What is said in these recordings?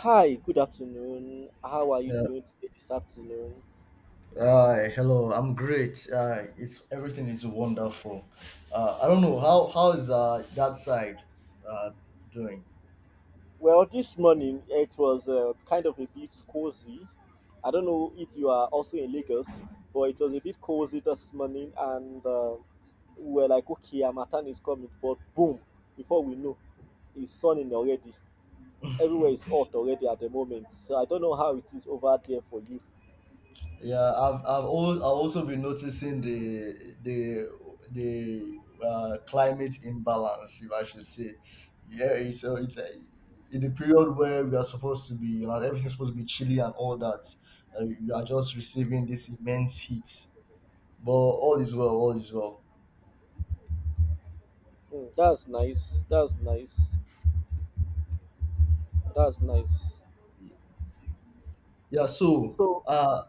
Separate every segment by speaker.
Speaker 1: Hi, good afternoon. How are you
Speaker 2: Uh,
Speaker 1: doing today this afternoon?
Speaker 2: Hi, hello. I'm great. It's Everything is wonderful. I don't know how is that side uh, doing.
Speaker 1: Well, this morning it was kind of a bit cozy. I don't know if you are also in Lagos, but it was a bit cozy this morning, and we were like, okay, Harmattan is coming, but boom, before we know, it's sunning already. Everywhere is hot already at the moment. So I don't know how it is over there for you.
Speaker 2: Yeah, I've also been noticing the climate imbalance, if I should say. Yeah, it's in the period where we are supposed to be, everything's supposed to be chilly and all that. We are just receiving this immense heat, but all is well. All is well.
Speaker 1: Mm, that's nice. That's nice. That's nice.
Speaker 2: Yeah. So.
Speaker 1: So.
Speaker 2: Uh,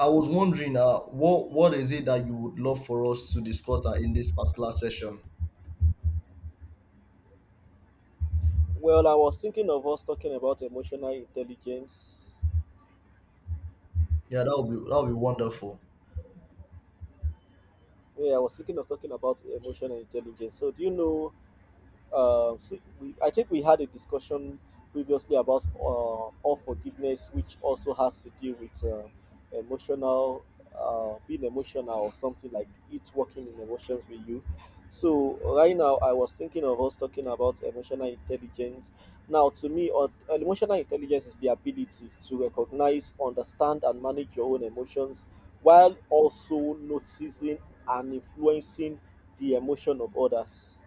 Speaker 2: I was wondering, what is it that you would love for us to discuss in this particular session?
Speaker 1: Well, I was thinking of us talking about emotional intelligence.
Speaker 2: Yeah, that would be wonderful.
Speaker 1: Yeah, I was thinking of talking about emotional intelligence. So, do you know so we, I think we had a discussion previously about unforgiveness, which also has to deal with emotional, being emotional or something like it, working in emotions with you. So right now, I was thinking of us talking about emotional intelligence. Now, to me, emotional intelligence is the ability to recognize, understand, and manage your own emotions, while also noticing and influencing the emotion of others.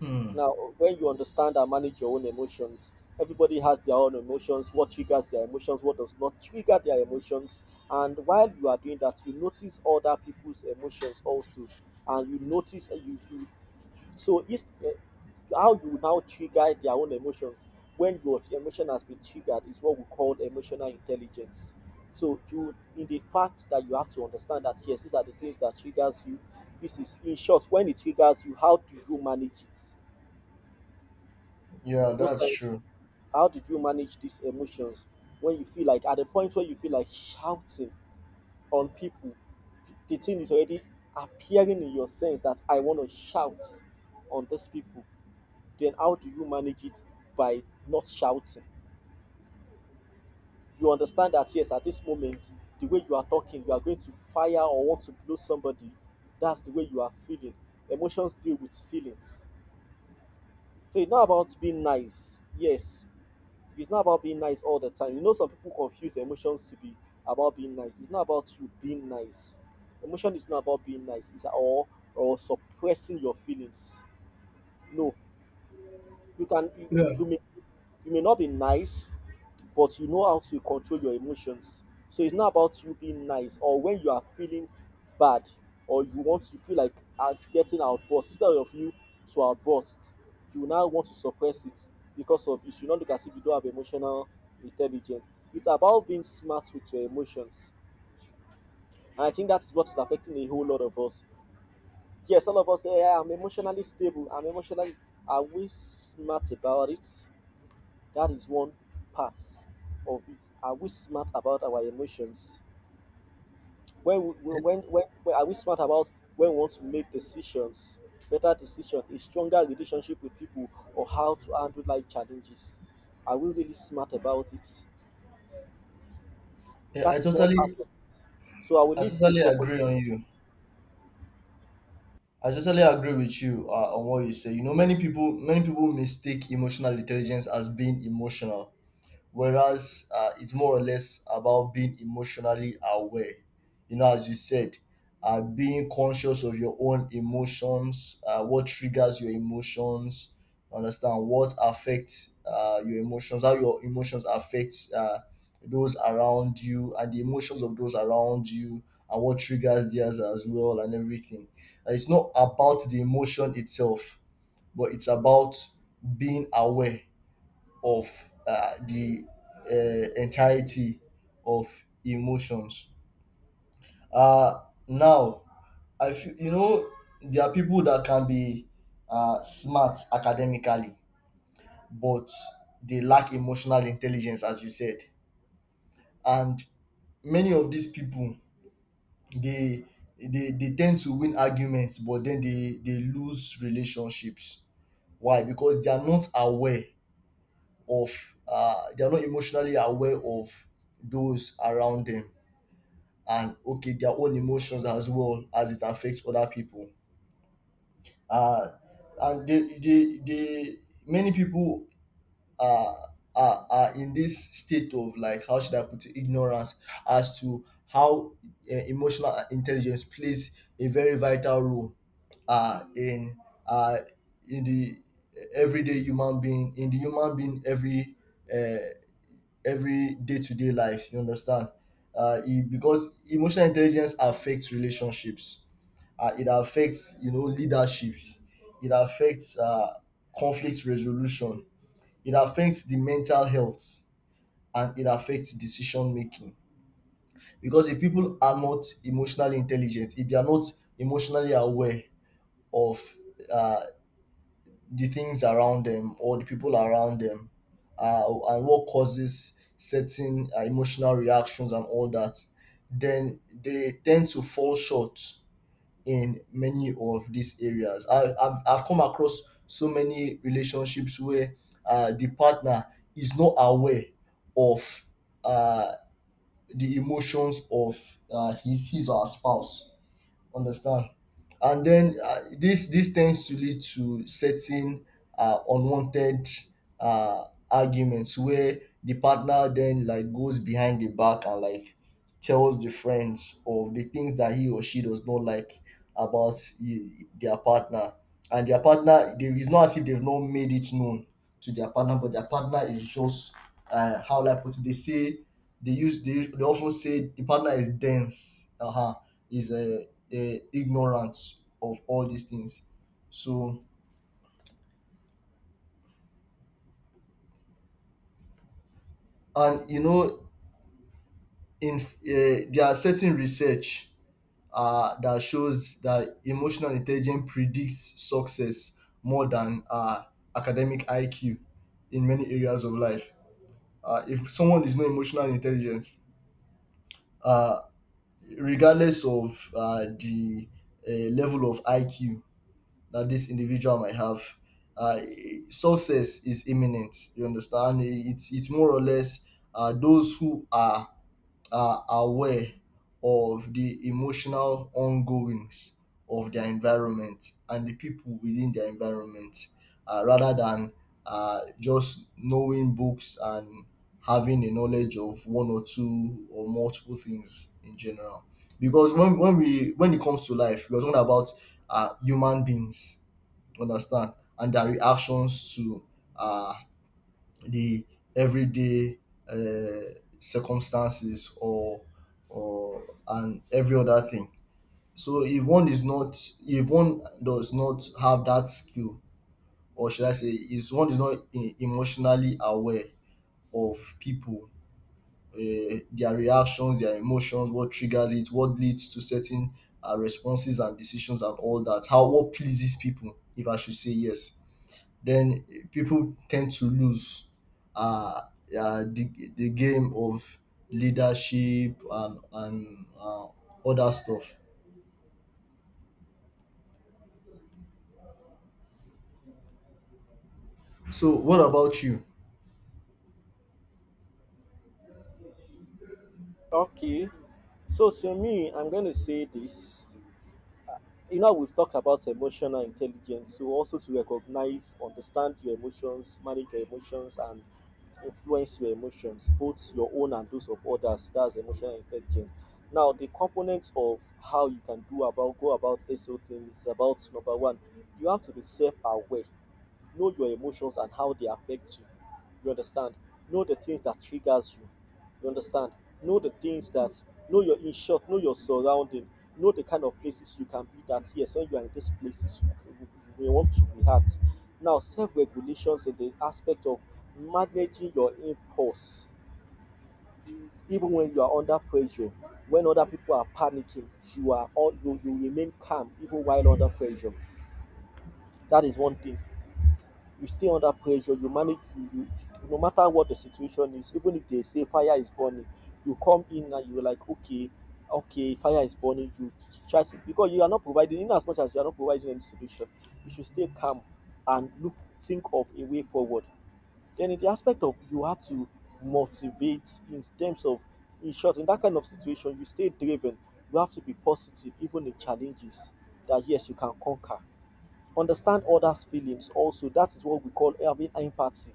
Speaker 2: Hmm.
Speaker 1: Now, when you understand and manage your own emotions, everybody has their own emotions, what triggers their emotions, what does not trigger their emotions. And while you are doing that, you notice other people's emotions also. And you notice, you, you so it's, how you now trigger their own emotions when your emotion has been triggered is what we call emotional intelligence. So you, in the fact that you have to understand that yes, these are the things that triggers you. This is, in short, when it triggers you, how do you manage it?
Speaker 2: Yeah,
Speaker 1: Most
Speaker 2: that's
Speaker 1: times,
Speaker 2: true.
Speaker 1: how did you manage these emotions? When you feel like, at the point where you feel like shouting on people, the thing is already appearing in your sense that I want to shout on these people, then how do you manage it? By not shouting. You understand that yes, at this moment, the way you are talking, you are going to fire or want to blow somebody. That's the way you are feeling. Emotions deal with feelings. So it's not about being nice. Yes, it's not about being nice all the time. You know, some people confuse emotions to be about being nice. It's not about you being nice. Emotion is not about being nice. It's all, or suppressing your feelings. No, you can
Speaker 2: Yeah,
Speaker 1: you may, you may not be nice, but you know how to control your emotions. So it's not about you being nice, or when you are feeling bad or you want to feel like getting outburst. Instead of you to outburst, you now want to suppress it because of you should not look as if you don't have emotional intelligence. It's about being smart with your emotions. And I think that's what is affecting a whole lot of us. Yes, all of us say, "Yeah, I'm emotionally stable. I'm emotionally." Are we smart about it? That is one part of it. Are we smart about our emotions? When, we-
Speaker 2: It-
Speaker 1: when, when, when are we smart about when we want to make decisions, better decisions, a stronger relationship with people, or how to handle life challenges? Are we really smart about it?
Speaker 2: yeah, I
Speaker 1: That is one part
Speaker 2: totally,
Speaker 1: of. So I will
Speaker 2: I
Speaker 1: leave the
Speaker 2: totally
Speaker 1: floor for you.
Speaker 2: agree on you. I totally agree with you on what you say. Many people mistake emotional intelligence as being emotional, whereas it's more or less about being emotionally aware. As you said, being conscious of your own emotions, what triggers your emotions, understand, what affects your emotions, how your emotions affect those around you and the emotions of those around you, and what triggers theirs as well, and everything. It's not about the emotion itself, but it's about being aware of the entirety of emotions. Uh, Now, I feel, there are people that can be smart academically, but they lack emotional intelligence, as you said. And many of these people, they they tend to win arguments, but then they lose relationships. Why? Because they are not aware of, they're not emotionally aware of those around them, and okay, their own emotions as well as it affects other people. Uh, and they Many people are, are in this state of, like, how should I put it, ignorance as to how emotional intelligence plays a very vital role uh, in uh, in the everyday human being, in the human being uh, every day-to-day life, you understand. Because emotional intelligence affects relationships, it affects, you know, leaderships, it affects conflict resolution, it affects the mental health, and it affects decision making. Because if people are not emotionally intelligent, if they are not emotionally aware of uh, the things around them or the people around them, uh, and what causes certain emotional reactions and all that, then they tend to fall short in many of these areas. I've come across so many relationships where the partner is not aware of uh, the emotions of his or her spouse. Understand. And then this tends to lead to certain unwanted uh, arguments, where the partner then, like, goes behind the back and, like, tells the friends of the things that he or she does not like about their partner. And their partner, they, it's not as if they've not made it known to their partner, but their partner is just, how do put it? They say, they often say the partner is dense. Uh huh. Is a ignorance of all these things. So, and, you know, in there are certain research that shows that emotional intelligence predicts success more than academic IQ in many areas of life. If someone is not emotional intelligent, uh, regardless of the level of IQ that this individual might have. Uh, Success is imminent. You understand? It's more or less those who are aware of the emotional ongoings of their environment and the people within their environment, rather than just knowing books and having a knowledge of one or two or multiple things in general. Because when it comes to life, we're talking about human beings, understand, and their reactions to uh, the everyday uh, circumstances or and every other thing. So if one is not, if one does not have that skill, or should I say, is one is not emotionally aware of people, their reactions, their emotions, what triggers it, what leads to certain responses and decisions and all that, how, what pleases people, if I should say, yes, then people tend to lose uh, the game of leadership, and other stuff. So, what about you?
Speaker 1: Okay. So to me, I'm going to say this. You know, we've talked about emotional intelligence, so also to recognize, understand your emotions, manage your emotions, and influence your emotions, both your own and those of others. That's emotional intelligence. Now, the components of how you can do about go about this whole thing is about number one, you have to be self-aware. Know your emotions and how they affect you. You understand, know the things that triggers you. You understand, know the things that, know your, in short, know your surrounding. Know the kind of places you can be, that yes, when you are in these places you, you, you want to be at. Now, self-regulations in the aspect of managing your impulse, even when you are under pressure, when other people are panicking, you are all you remain calm even while under pressure. That is one thing. You stay under pressure, you manage you, no matter what the situation is, even if they say fire is burning, you come in and you're like, okay, okay, fire is burning, you try to, because you are not providing, in as much as you are not providing any solution, you should stay calm and look, think of a way forward. Then in the aspect of, you have to motivate in terms of, in short, in that kind of situation, you stay driven. You have to be positive even in challenges, that yes, you can conquer. Understand others feelings also, that is what we call having empathy.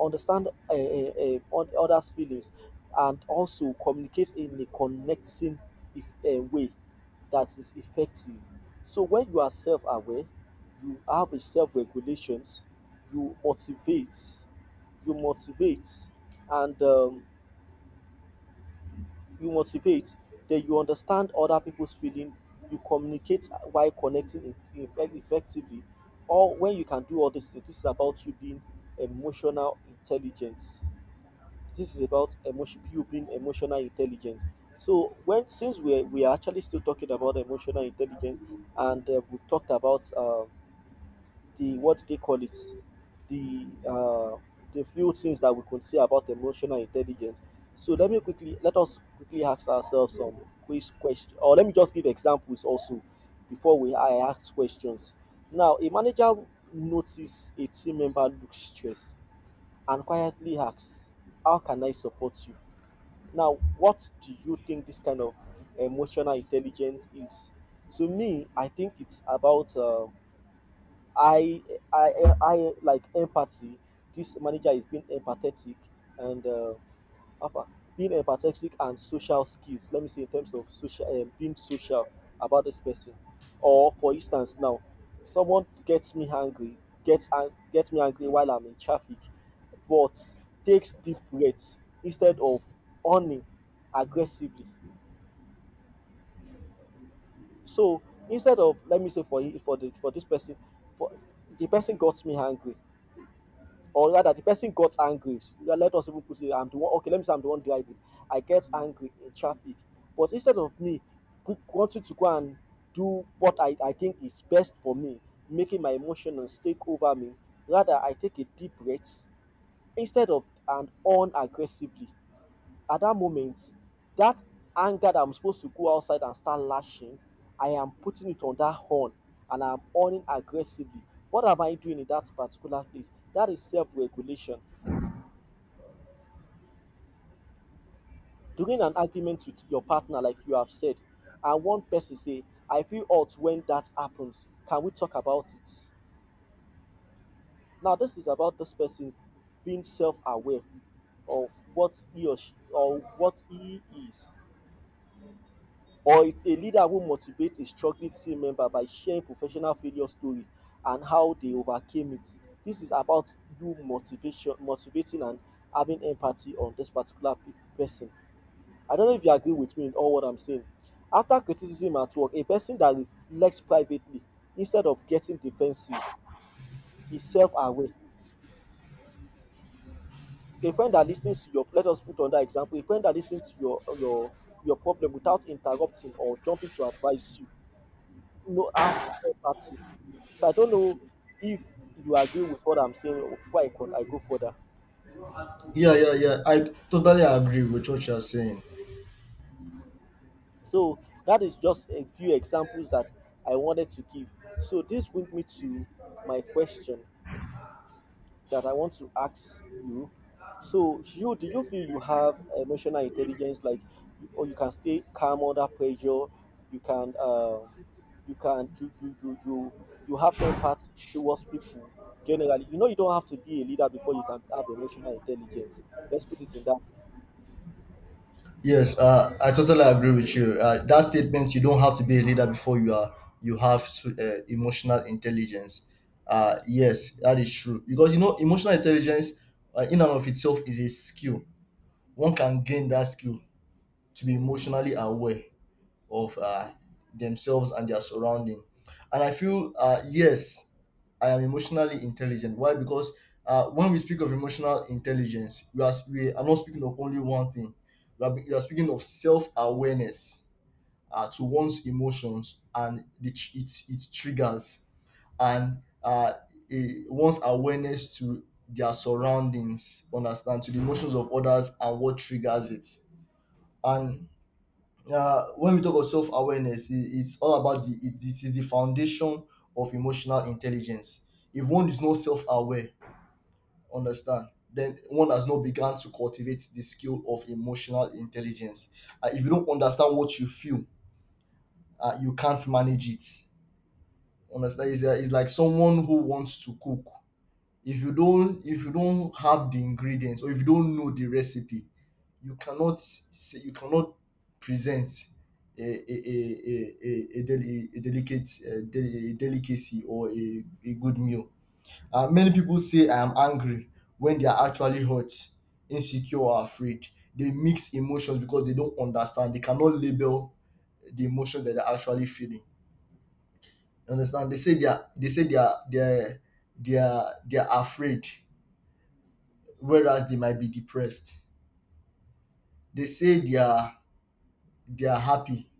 Speaker 1: Understand on others feelings, and also communicate in a connecting, if, way that is effective. So when you are self-aware, you have a self-regulations, you motivate, you motivate and you motivate, then you understand other people's feeling, you communicate while connecting effectively. Or when you can do all this, this is about you being emotional intelligence. This is about emotion, you being emotional intelligent. So when, since we are actually still talking about emotional intelligence, and we talked about, the, what do they call it, the uh, the few things that we could say about emotional intelligence. So let me quickly, let us quickly ask ourselves some quiz questions, or let me just give examples also before we, I ask questions. Now, a manager notices a team member looks stressed and quietly asks, "How can I support you?" Now, what do you think this kind of emotional intelligence is? To me, I think it's about I I I like empathy. This manager is being empathetic and apa- being empathetic and social skills. Let me say in terms of social, being social about this person. Or for instance, now someone gets me angry, gets me angry while I'm in traffic, but takes deep breaths instead of owning aggressively. So instead of, let me say for the for this person, for the person got me angry, or rather the person got angry, yeah, let us even put it, I'm the one. Okay, let me say I'm the one driving, I get angry in traffic, but instead of me wanting to go and do what I think is best for me, making my emotions take over me, rather I take a deep breath, instead of and on aggressively at that moment, that anger that I'm supposed to go outside and start lashing, I am putting it on that horn, and I'm on aggressively. What am I doing in that particular place? That is self-regulation. During an argument with your partner, like you have said, and one person say, I feel hurt when that happens. Can we talk about it? Now, this is about this person being self aware of what he or she, or what he is. Or it's a leader who motivates a struggling team member by sharing professional failure story and how they overcame it. This is about you motivation, motivating and having empathy on this particular person. I don't know if you agree with me in all what I'm saying. After criticism at work, a person that reflects privately instead of getting defensive is self-aware. A friend that listens to your, let us put on that example, a friend that listens to your your problem without interrupting or jumping to advise you, no as empathy. So I don't know if you agree with what I'm saying before I go further.
Speaker 2: Yeah, yeah, yeah. I totally agree with what you're saying.
Speaker 1: So that is just a few examples that I wanted to give. So this brings me to my question that I want to ask you. So, you, do you feel you have emotional intelligence, like, or you can stay calm under pressure, you can, you can, you have empathy towards people generally. You know, you don't have to be a leader before you can have emotional intelligence. Let's put it in that.
Speaker 2: Yes, I totally agree with you. That statement, you don't have to be a leader before you have emotional intelligence. Yes, that is true. Because, emotional intelligence in and of itself is a skill. One can gain that skill to be emotionally aware of themselves and their surrounding. And I feel, yes, I am emotionally intelligent. Why? Because when we speak of emotional intelligence, we are not speaking of only one thing. We are speaking of self awareness, to one's emotions and its triggers, and one's awareness to their surroundings, understand, to the emotions of others and what triggers it. And when we talk of self awareness, it's all about it is the foundation of emotional intelligence. If one is not self aware, understand, then one has not begun to cultivate the skill of emotional intelligence. If you don't understand what you feel, you can't manage it. Understand? It's like someone who wants to cook. If you don't have the ingredients, or if you don't know the recipe, you cannot say, you cannot present a a a a delicacy or a good meal. Many people say, I am angry, when they are actually hurt, insecure, or afraid. They mix emotions because they don't understand, they cannot label the emotions that they're actually feeling, you understand. They say, they are afraid, whereas they might be depressed. They say they are happy.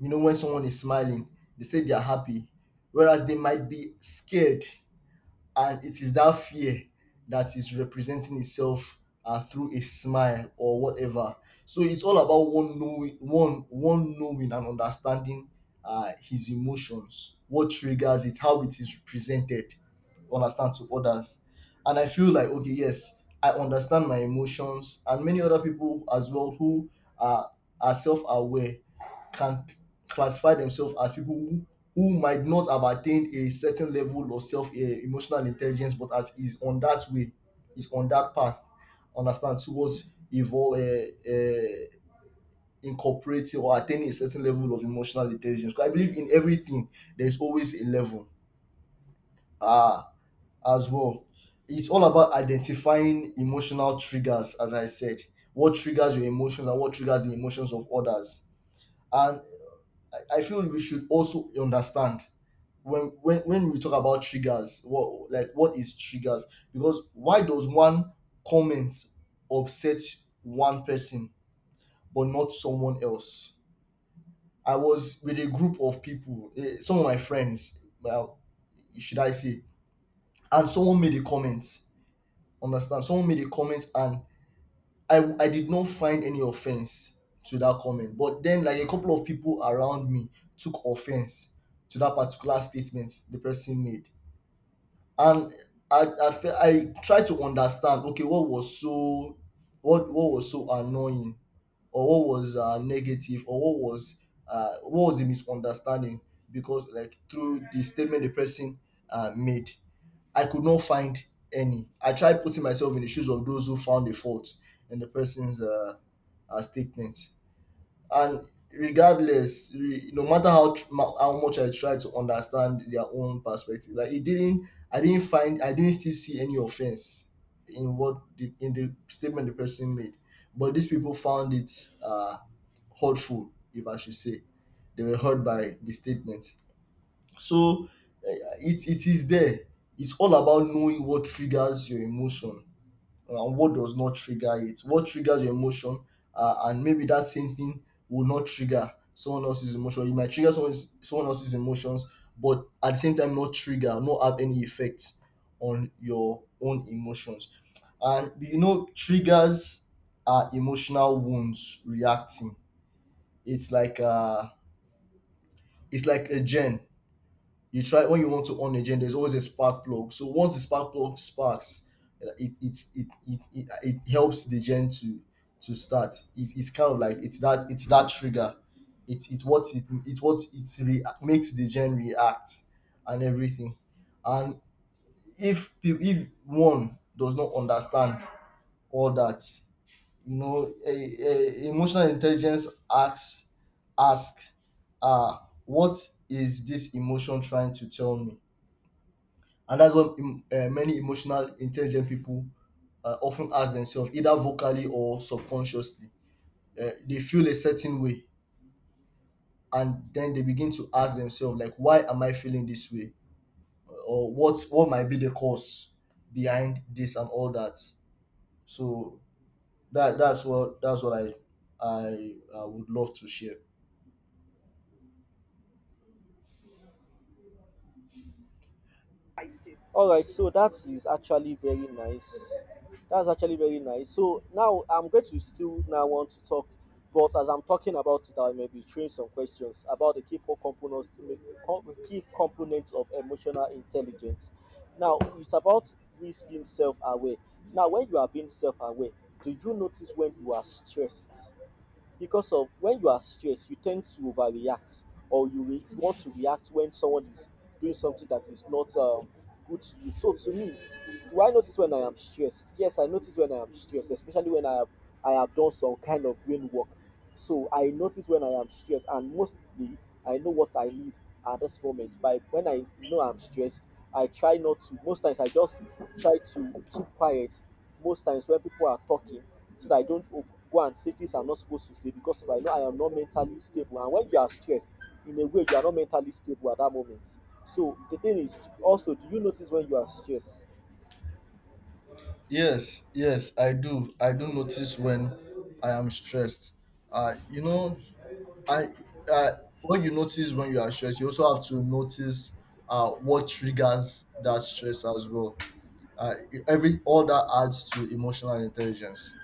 Speaker 2: When someone is smiling, they say they are happy, whereas they might be scared. And it is that fear that is representing itself through a smile or whatever. So it's all about one knowing, one knowing and understanding his emotions, what triggers it, how it is represented, understand, to others. And I feel like, okay, yes, I understand my emotions, and many other people as well who are self aware can classify themselves as people who might not have attained a certain level of emotional intelligence, but as is on that way, is on that path, understand, towards evolve, uh, uh, incorporating or attaining a certain level of emotional intelligence. 'Cause I believe in everything there is always a level. Ah, as well, it's all about identifying emotional triggers, as I said. What triggers your emotions and what triggers the emotions of others. And I feel we should also understand, when we talk about triggers, what is triggers? Because why does one comment upset one person but not someone else? I was with a group of people, some of my friends, well, should I say, and someone made a comment. Understand? Someone made a comment, and I did not find any offense to that comment. But then, like, a couple of people around me took offense to that particular statement the person made, and I tried to understand. Okay, what was so annoying, or what was negative, or what was the misunderstanding? Because, like, through the statement the person made. I could not find any. I tried putting myself in the shoes of those who found a fault in the person's statement. And no matter how much I tried to understand their own perspective, like, it didn't. I didn't find. I didn't still see any offense in in the statement the person made. But these people found it hurtful, if I should say. They were hurt by the statement. So it is there. It's all about knowing what triggers your emotion and what does not trigger it. What triggers your emotion, and maybe that same thing will not trigger someone else's emotion. It might trigger someone, someone else's emotions, but at the same time, not trigger, not have any effect on your own emotions. And, triggers are emotional wounds reacting. It's like uh, it's like a gen. You try when you want to on a gen, there's always a spark plug. So once the spark plug sparks, it helps the gen to start. It's kind of like it's that, it's that trigger. It's what it it's what it makes the gen react and everything. And if one does not understand all that, you know, emotional intelligence asks, asks uh what is this emotion trying to tell me? And that's what many emotional, intelligent people often ask themselves, either vocally or subconsciously. They feel a certain way, and then they begin to ask themselves, like, why am I feeling this way, or what might be the cause behind this and all that. So that's what I I would love to share.
Speaker 1: All right, so that is actually very nice. That's actually very nice. So now I'm going to still now want to talk, but as I'm talking about it, I may be throwing some questions about the key four components, to com- key components of emotional intelligence. Now it's about this being self-aware. Now, when you are being self-aware, do you notice when you are stressed? Because of when you are stressed you tend to overreact or you want to react when someone is doing something that is not good to you. So to me, do I notice when I am stressed? Yes, I notice when I am stressed, especially when I have done some kind of brain work. So I notice when I am stressed, and mostly I know what I need at this moment. By when I know I'm stressed, I try not to, most times I just try to keep quiet most times when people are talking, so that I don't go and say things I'm not supposed to say, because if I know I am not mentally stable. And when you are stressed, in a way, you are not mentally stable at that moment. So the thing is, also, do you notice when you are stressed?
Speaker 2: Yes, yes, I do. I do notice when I am stressed. You know, I uh, what you notice when you are stressed, you also have to notice what triggers that stress as well. Uh, every all that adds to emotional intelligence.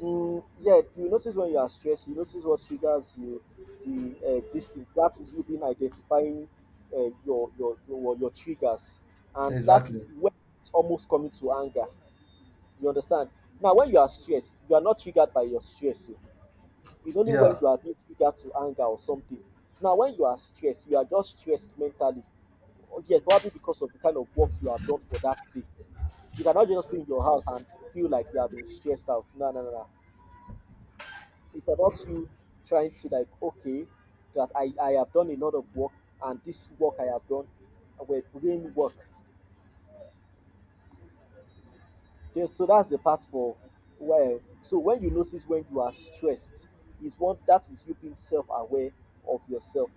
Speaker 1: Mm, yeah, you notice when you are stressed. You notice what triggers you. The this thing that is you being identifying your triggers, and that is
Speaker 2: Exactly.
Speaker 1: when it's almost coming to anger. You understand? Now, when you are stressed, you are not triggered by your stress. Oh. It's only when
Speaker 2: Yeah.
Speaker 1: you are being triggered to anger or something. Now, when you are stressed, you are just stressed mentally. Oh, yeah, probably because of the kind of work you have done for that day. You cannot just be in your house and feel like you have been stressed out. No, no, no, no. It's about you trying to, like, okay, that I have done a lot of work, and this work I have done we're brain work. Yes, so that's the part for where. So when you notice when you are stressed is one that is you being self-aware of yourself.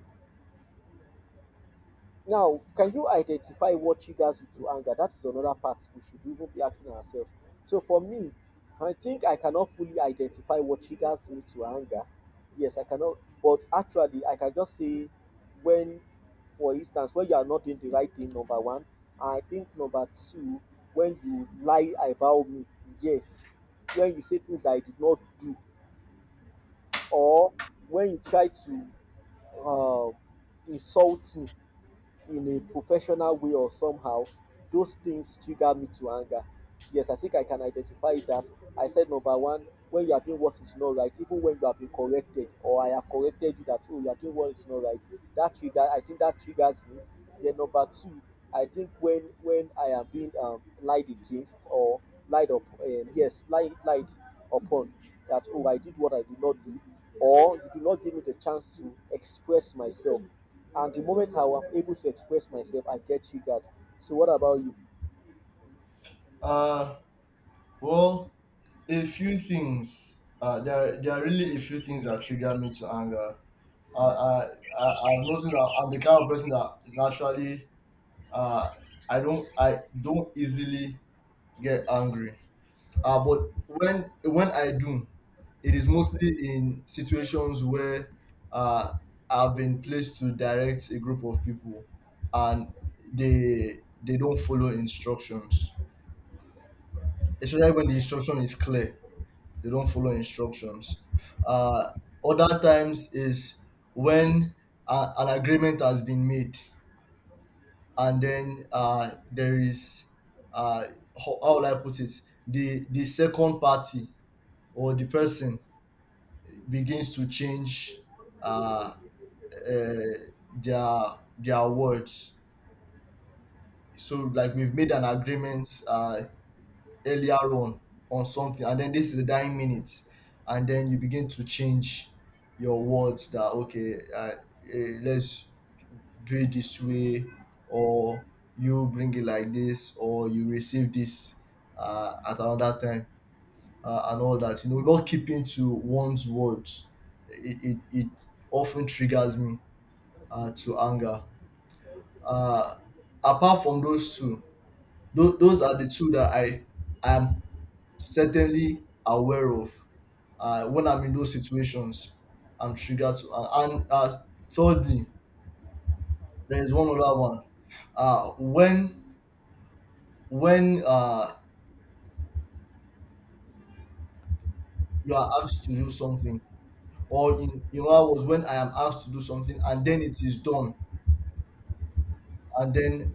Speaker 1: Now, can you identify what triggers you to anger? That is another part we should even be asking ourselves. So for me, I think I cannot fully identify what triggers me to anger. Yes, I cannot, but actually, I can just say when, for instance, when you are not doing the right thing, number one, and I think number two, when you lie about me, yes, when you say things that I did not do, or when you try to uh, insult me, in a professional way or somehow, those things trigger me to anger. Yes, I think I can identify that. I said number one, when you are doing what is not right, even when you have been corrected or I have corrected you that, oh, you are doing what is not right, that trigger I think that triggers me. Then number two, I think when I am being lied against or lied up, yes, lied upon, that, oh, I did what I did not do, or you do not give me the chance to express myself, and the moment I am able to express myself, I get triggered. So, what about you?
Speaker 2: Uh, well, a few things. There are really a few things that trigger me to anger. I, I, I've noticed that I'm the kind of person that naturally, uh, I don't, I don't easily get angry. But when I do, it is mostly in situations where uh, I've been placed to direct a group of people, and they don't follow instructions. Especially when the instruction is clear, they don't follow instructions. Uh, other times is when an agreement has been made, and then there is, uh, how will I put it? The second party or the person begins to change, uh, uh, their their words. So like we've made an agreement earlier on something, and then this is the dying minute, and then you begin to change your words that okay, let's do it this way, or you bring it like this, or you receive this at another time. And all that, you know, not keeping to one's words, it often triggers me to anger. uh, Apart from those two, those are the two that I am certainly aware of. When I'm in those situations, I'm triggered to. And Thirdly, there is one other one. Uh, when when you are asked to do something, or in hours when I am asked to do something and then it is done, and then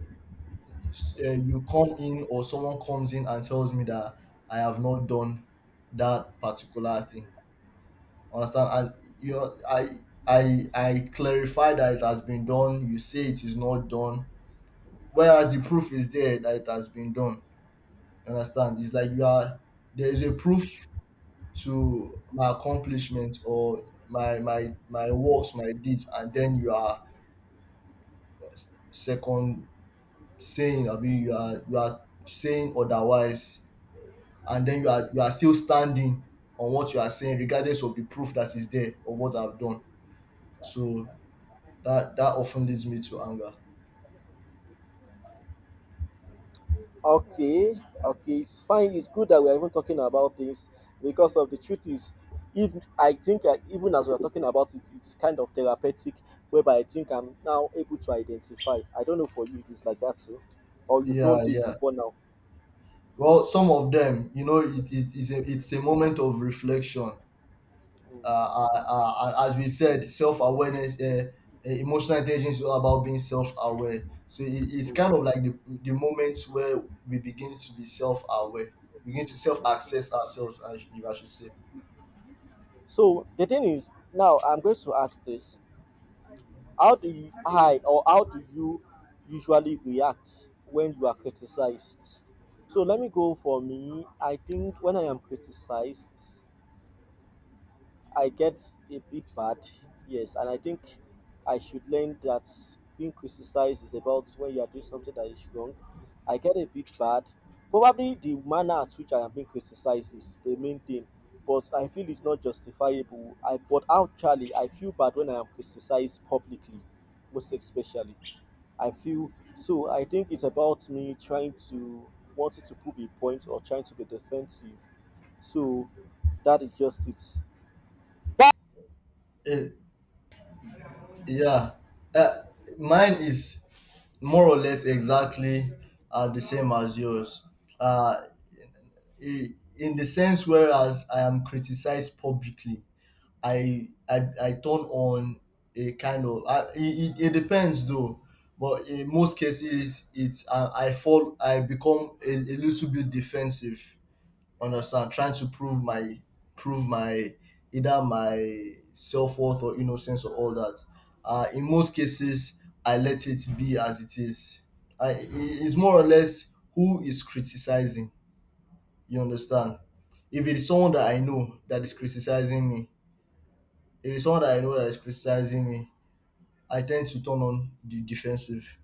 Speaker 2: you come in, or someone comes in and tells me that I have not done that particular thing. Understand? And you know, I clarify that it has been done. You say it is not done, whereas the proof is there that it has been done. You understand? It's like you are, there is a proof to my accomplishments, or my works, my deeds, and then you are second saying, I mean, you are, you are saying otherwise, and then you are, you are still standing on what you are saying, regardless of the proof that is there of what I've done. So that often leads me to anger.
Speaker 1: Okay, okay, it's fine. It's good that we are even talking about things, because of the truth is, if I think that even as we are talking about it, it's kind of therapeutic, whereby I think I'm now able to identify. I don't know for you if it's like that, so, or you've
Speaker 2: Yeah,
Speaker 1: known this
Speaker 2: yeah.
Speaker 1: before now.
Speaker 2: Well, some of them, you know, it is a it's a moment of reflection. Uh, uh, uh, as we said, self awareness, emotional intelligence is all about being self aware. So it's
Speaker 1: Mm.
Speaker 2: kind of like the moments where we begin to be self aware, begin to self access ourselves, if I should say.
Speaker 1: So the thing is, now I'm going to ask this: how do you, I, or how do you usually react when you are criticized? So let me go for me. I think when I am criticized, I get a bit bad, yes, and I think I should learn that being criticized is about when you are doing something that is wrong. I get a bit bad. Probably the manner at which I am being criticized is the main thing, but I feel it's not justifiable. I, but actually I feel bad when I am criticized publicly, most especially. I feel so. I think it's about me trying to, wanting to prove a point or trying to be defensive. So that is just it.
Speaker 2: Eh, yeah. Uh, mine is more or less exactly the same as yours. Uh, in the sense whereas I am criticized publicly, I turn on a kind of, it it depends though, but in most cases it's I fall, I become a little bit defensive. Understand? Trying to prove my, prove my either my self worth or innocence or all that. In most cases, I let it be as it is. It's more or less who is criticizing. You understand? If it is someone that I know that is criticizing me, if it is someone that I know that is criticizing me, I tend to turn on the defensive.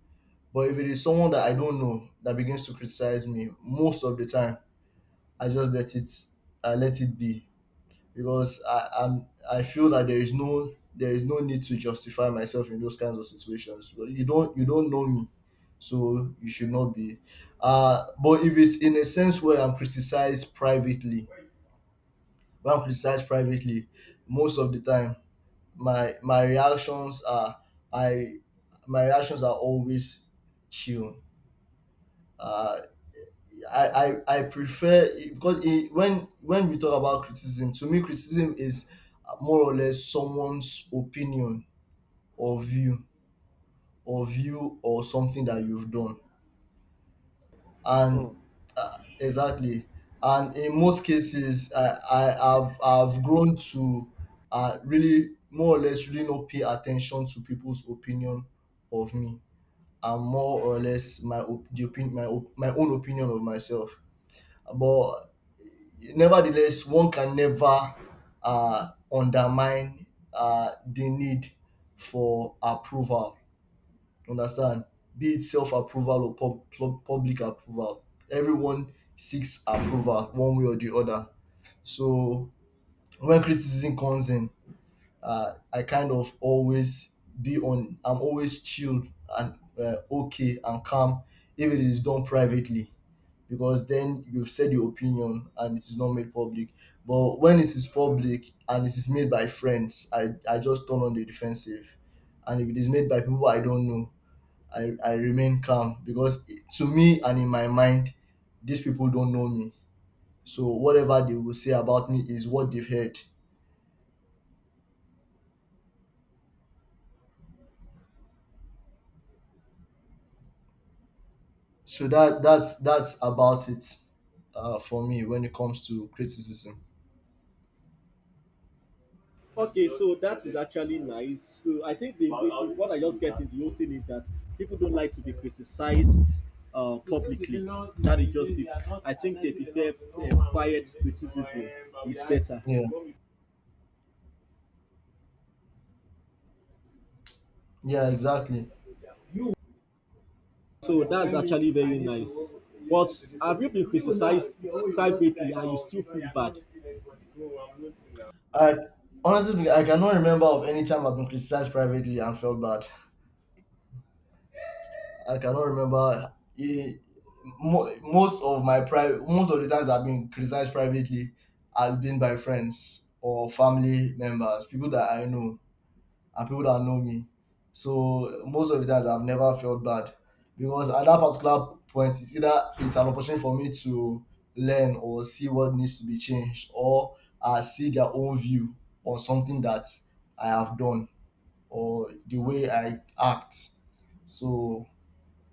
Speaker 2: But if it is someone that I don't know that begins to criticize me, most of the time I just let it, I let it be because I'm, I feel that there is no need to justify myself in those kinds of situations. But you don't, you don't know me, so you should not be. But if it's in a sense where I'm criticized privately, bank research privately, most of the time my reactions are, I my reactions are always chill. uh, I prefer because it, when we talk about criticism, to me criticism is more or less someone's opinion or view, or something that you've done. And
Speaker 1: Mm.
Speaker 2: Exactly. And in most cases I've grown to really, more or less really, not pay attention to people's opinion of me, and more or less my op- the opin my, op- my own opinion of myself. But nevertheless, one can never undermine the need for approval. Understand? Be it self-approval or public approval, everyone seeks approval one way or the other. So when criticism comes in, I kind of always be on I'm always chilled and, okay and calm, if it is done privately, because then you've said your opinion and it is not made public. But when it is public and it is made by friends, I just turn on the defensive. And if it is made by people I don't know, I remain calm because to me and in my mind, these people don't know me. So whatever they will say about me is what they've heard. So that's that's about it for me when it comes to criticism.
Speaker 1: Okay, so that is actually nice. So I think what I just get in the whole thing is that people don't like to be criticized publicly. That is just it. I think they prefer quiet criticism is better.
Speaker 2: Yeah, yeah, exactly.
Speaker 1: So that's actually very nice. But have you been criticized privately and you still feel bad?
Speaker 2: I honestly, I cannot remember of any time I've been criticized privately and felt bad. I cannot remember. Most of my private, most of the times I've been criticized privately has been by friends or family members, people that I know and people that know me. So most of the times I've never felt bad, because at that particular point, it's either it's an opportunity for me to learn or see what needs to be changed, or I see their own view on something that I have done or the way I act. So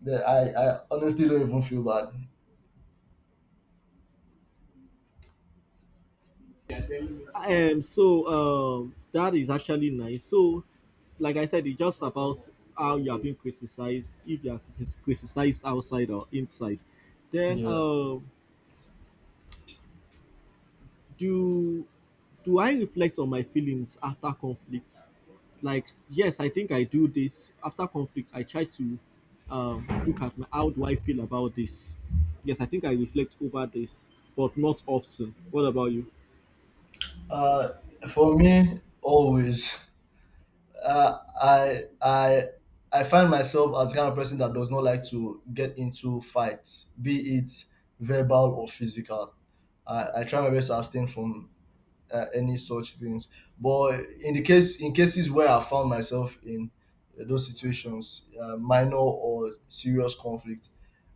Speaker 2: that I honestly don't even feel bad.
Speaker 1: So that is actually nice. So, like I said, it's just about how you are being criticized, if you are criticized outside or inside. Then,
Speaker 2: Yeah.
Speaker 1: do do I reflect on my feelings after conflicts? Like, yes, I think I do this after conflict. I try to look at my, how do I feel about this. Yes, I think I reflect over this, but not often. What about you?
Speaker 2: Uh, for me, always, uh, I I I find myself as the kind of person that does not like to get into fights, be it verbal or physical. I try my best to abstain from any such things. But in the case, in cases where I found myself in those situations, minor or serious conflict,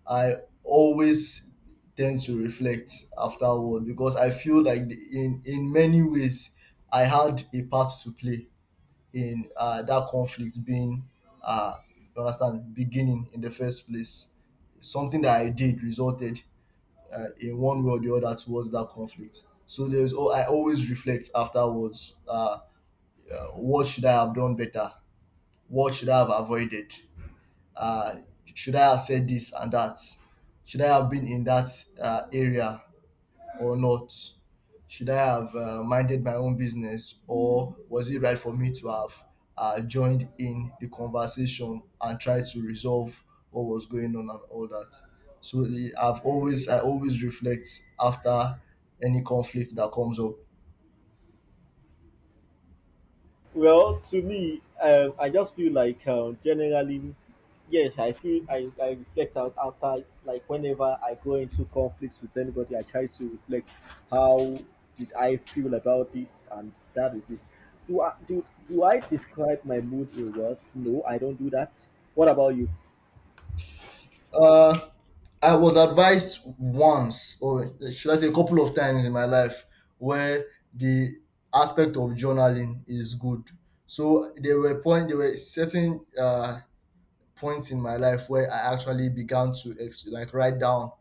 Speaker 2: I always tend to reflect afterward, because I feel like in in many ways I had a part to play in that conflict being, uh, you understand, beginning in the first place. Something that I did resulted in one way or the other towards that conflict. So there's, oh, I always reflect afterwards. What should I have done better? What should I have avoided? Uh, should I have said this and that? Should I have been in that area or not? Should I have minded my own business, or was it right for me to have joined in the conversation and tried to resolve what was going on and all that? So I always reflect after any conflict that comes up.
Speaker 1: Well, to me, I just feel like generally, yes, I feel I reflect out after, like, whenever I go into conflicts with anybody, I try to reflect how did I feel about this, and that is it. Do I do I describe my mood in words? No, I don't do that. What about you?
Speaker 2: Uh, I was advised once, or should I say, a couple of times in my life, where the aspect of journaling is good. So there were certain point in my life where I actually began to like write down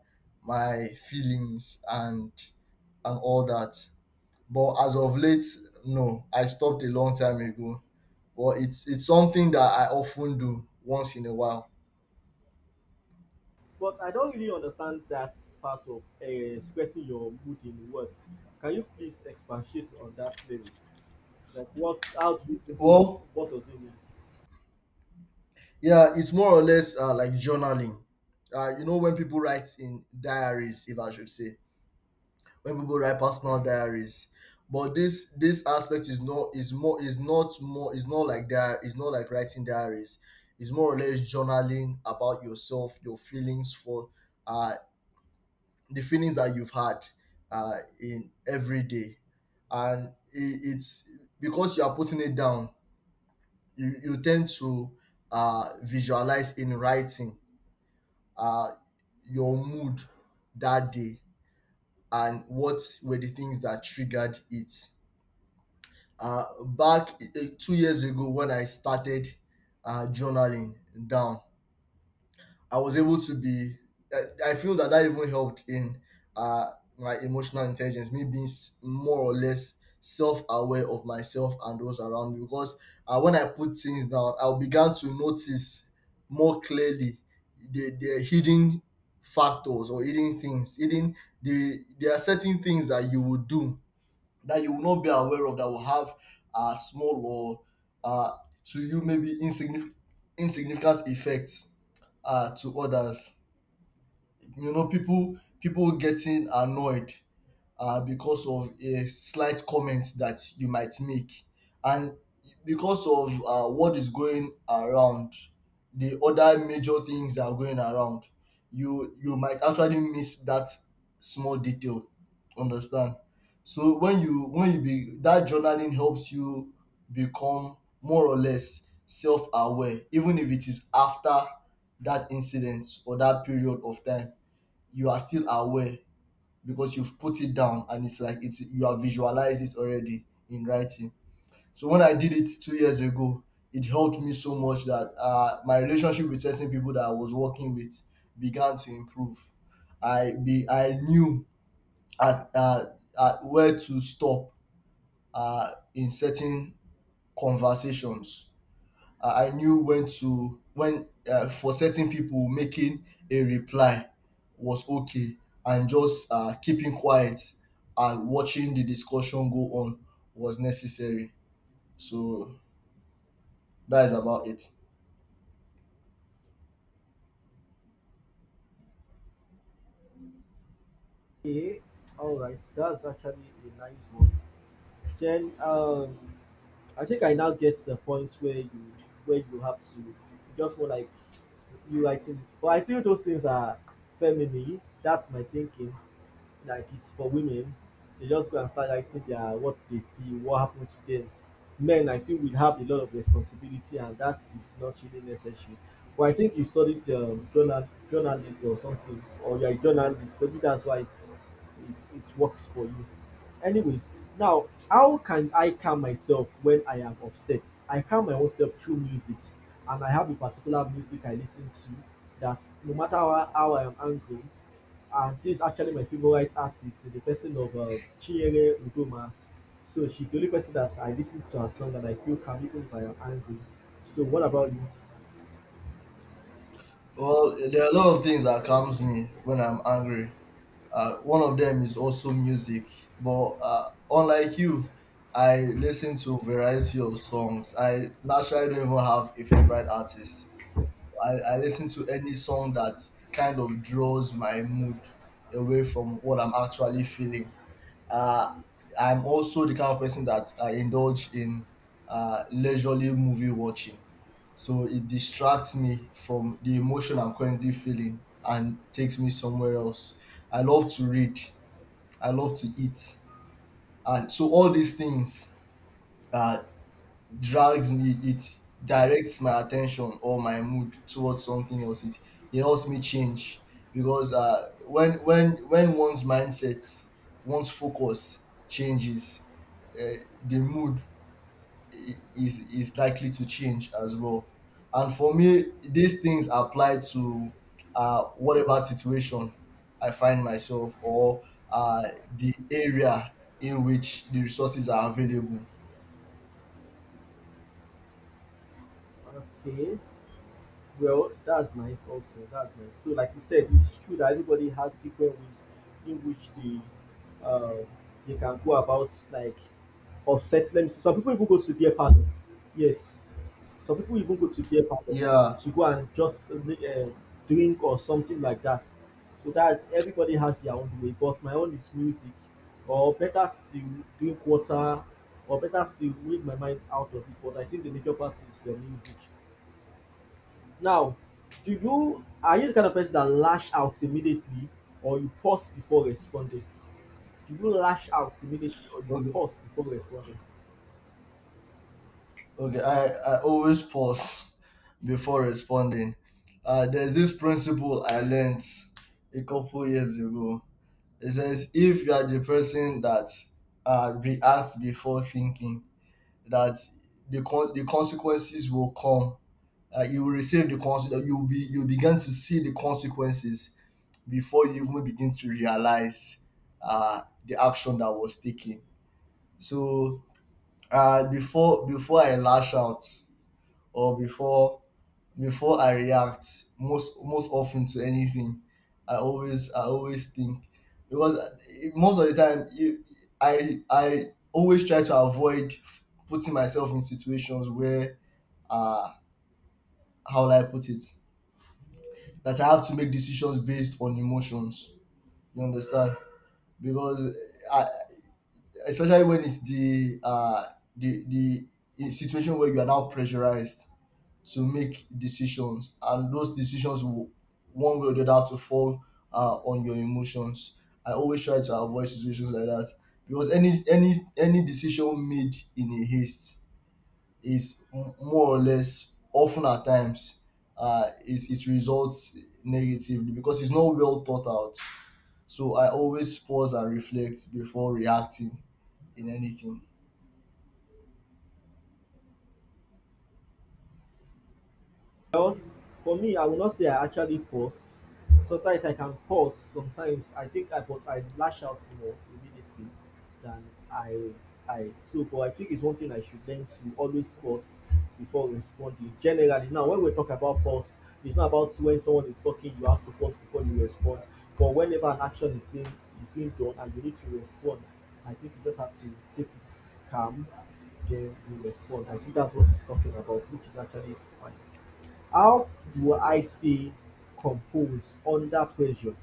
Speaker 2: my feelings and all that. But as of late, no, I stopped a long time ago. But it's something that I often do once in a while.
Speaker 1: But I don't really understand that part of expressing your mood in words. Can you please expatiate on that level? Like, what? How do you do it?
Speaker 2: Well,
Speaker 1: What does it mean?
Speaker 2: yeah, it's more or less like journaling. You know, when people write in diaries, if I should say. When people write personal diaries, but this aspect is not is more is not like that, is not like writing diaries. It's more or less journaling about yourself, your feelings for uh the feelings that you've had in every day. And it's because you are putting it down, you tend to visualize in writing uh your mood that day and what were the things that triggered it. Back 2 years ago when I started journaling down, I was able to be. I feel that even helped in uh, my emotional intelligence, me being more or less self-aware of myself and those around me. Because when I put things down, I began to notice more clearly the hidden factors or hidden things. Hidden, the There are certain things that you would do that you will not be aware of that will have small or to you maybe insignificant effects to others. People getting annoyed because of a slight comment that you might make, and because of what is going around, the other major things that are going around, you might actually miss that small detail, understand? So when you be that journaling helps you become more or less self-aware. Even if it is after that incident or that period of time, you are still aware because you've put it down, and it's like it's you have visualized it already in writing. So when I did it 2 years ago, it helped me so much that my relationship with certain people that I was working with began to improve. I knew at, uh, at where to stop in certain conversations. I knew when to when for certain people making a reply was okay, and just keeping quiet and watching the discussion go on was necessary. So that is about it.
Speaker 1: Yeah, all right. That's actually a nice one. Then I think I now get to the point where you have to just more like you writing. But I feel those things are feminine. That's my thinking, like it's for women. They just go and start writing their what they feel, what happened to them. Men, I feel, will have a lot of responsibility, and that is not really necessary. Well, I think you studied journalist or something, or you're a journalist. Maybe that's why it's it works for you. Anyways, now, how can I calm myself when I am upset? I calm my own self through music, and I have a particular music I listen to that no matter how I am angry, and this is actually my favorite artist, the person of Chinyere Udoma. So she's the only person that I listen to her song and I feel can be owned by her angry. So what about you?
Speaker 2: Well, there are a lot of things that calms me when I'm angry. One of them is also music, but unlike you, I listen to a variety of songs. I naturally don't even have a favorite artist. I listen to any song that kind of draws my mood away from what I'm actually feeling. Uh, I'm also the kind of person that I indulge in leisurely movie watching. So it distracts me from the emotion I'm currently feeling and takes me somewhere else. I love to read. I love to eat. And so all these things uh, drags me it directs my attention or my mood towards something else. It helps me change because when one's mindset, one's focus changes, uh, the mood is likely to change as well. And for me these things apply to whatever situation I find myself, or uh, the area in which the resources are available.
Speaker 1: Okay. Well, that's nice also. That's nice. So like you said, it's true that everybody has different ways in which uh, they can go about, like, offset. Let me see. Some people even go to beer parlor. Yes. Some people even go to beer parlor
Speaker 2: Yeah.
Speaker 1: to go and just make a drink or something like that. So that everybody has their own way. But my own is music, or better still, drink water, or better still, read my mind out of it. But I think the major part is the music. Now, do you are you the kind of person that lash out immediately or you pause before responding? Do you lash out immediately or you
Speaker 2: Okay.
Speaker 1: pause before responding?
Speaker 2: Okay, I always pause before responding. There's this principle I learned a couple years ago. It says if you are the person that reacts before thinking, that the consequences will come. You will receive the consequences. You will be you begin to see the consequences before you even begin to realize the action that was taken. So before I lash out, or before I react most often to anything, I always think. Because most of the time I always try to avoid putting myself in situations where uh how will I put it, that I have to make decisions based on emotions. You understand? Because I, especially when it's the the situation where you are now pressurized to make decisions, and those decisions will one way or the other have to fall on your emotions. I always try to avoid situations like that because any decision made in a haste is more or less, often at times, is it results negatively because it's not well thought out. So I always pause and reflect before reacting in anything.
Speaker 1: For me, I will not say I actually pause. Sometimes I can pause, sometimes I think I but I lash out more immediately than i I so. But I think it's one thing I should learn, to always pause before responding. Generally now, when we talk about pause, it's not about when someone is talking you have to pause before you respond, but whenever an action is being done and you need to respond, I think you just have to take it calm, then you respond. I think that's what he's talking about, which is actually fine. How do I stay composed under pressure?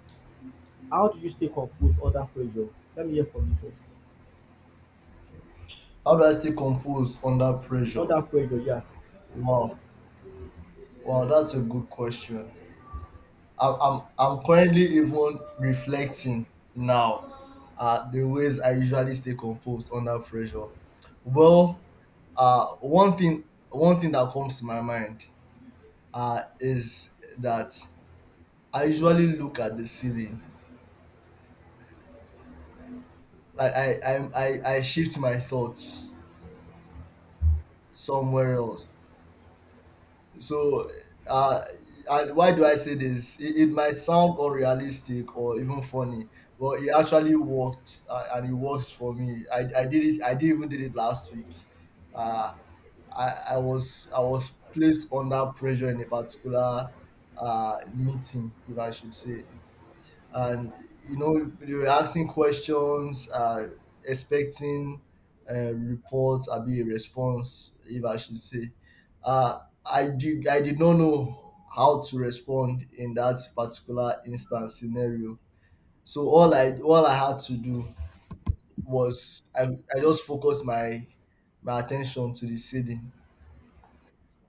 Speaker 1: How do you stay composed under pressure? Let me hear from you first.
Speaker 2: How do I stay composed under pressure?
Speaker 1: Under pressure, yeah.
Speaker 2: Wow, wow, that's a good question. I'm currently even reflecting now the ways I usually stay composed under pressure. Well, uh, one thing one thing that comes to my mind is that I usually look at the ceiling. Like I shift my thoughts somewhere else. So, uh, and why do I say this? It might sound unrealistic or even funny, but it actually worked, and it works for me. I did it. I did even did it last week. Uh, I was placed under pressure in a particular meeting, if I should say, and you know they were asking questions expecting a report, or be a response, if I should say. uh, I did not know how to respond in that particular instance scenario. So all I had to do was I just focused my attention to the ceiling,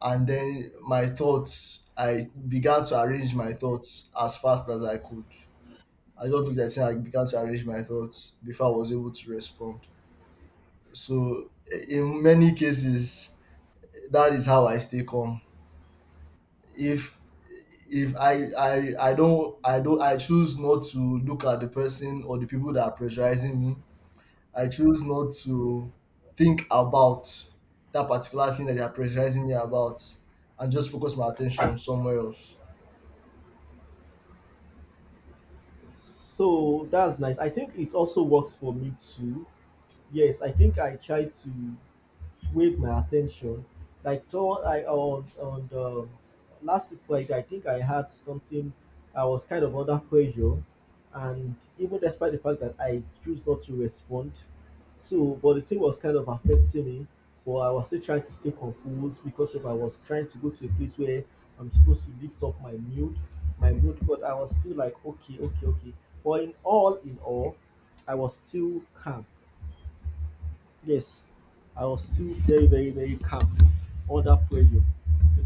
Speaker 2: and then my thoughts I began to arrange my thoughts as fast as I could. I just looked at it and began to arrange my thoughts before I was able to respond. So, in many cases, that is how I stay calm. If I choose not to look at the person or the people that are pressurizing me. I choose not to think about that particular thing that they are pressurizing me about, and just focus my attention somewhere else.
Speaker 1: So that's nice. I think it also works for me too. Yes, I think I try to swayed my attention. Like, thought I on the last week Friday, I think I had something. I was kind of under pressure, and even despite the fact that I choose not to respond, so but the thing was kind of affecting me. But I was still trying to stay composed, because if I was trying to go to a place where I'm supposed to lift up my mood, but I was still like okay, okay, okay. But in all, I was still calm, yes, I was still very, very, very calm under pressure. So that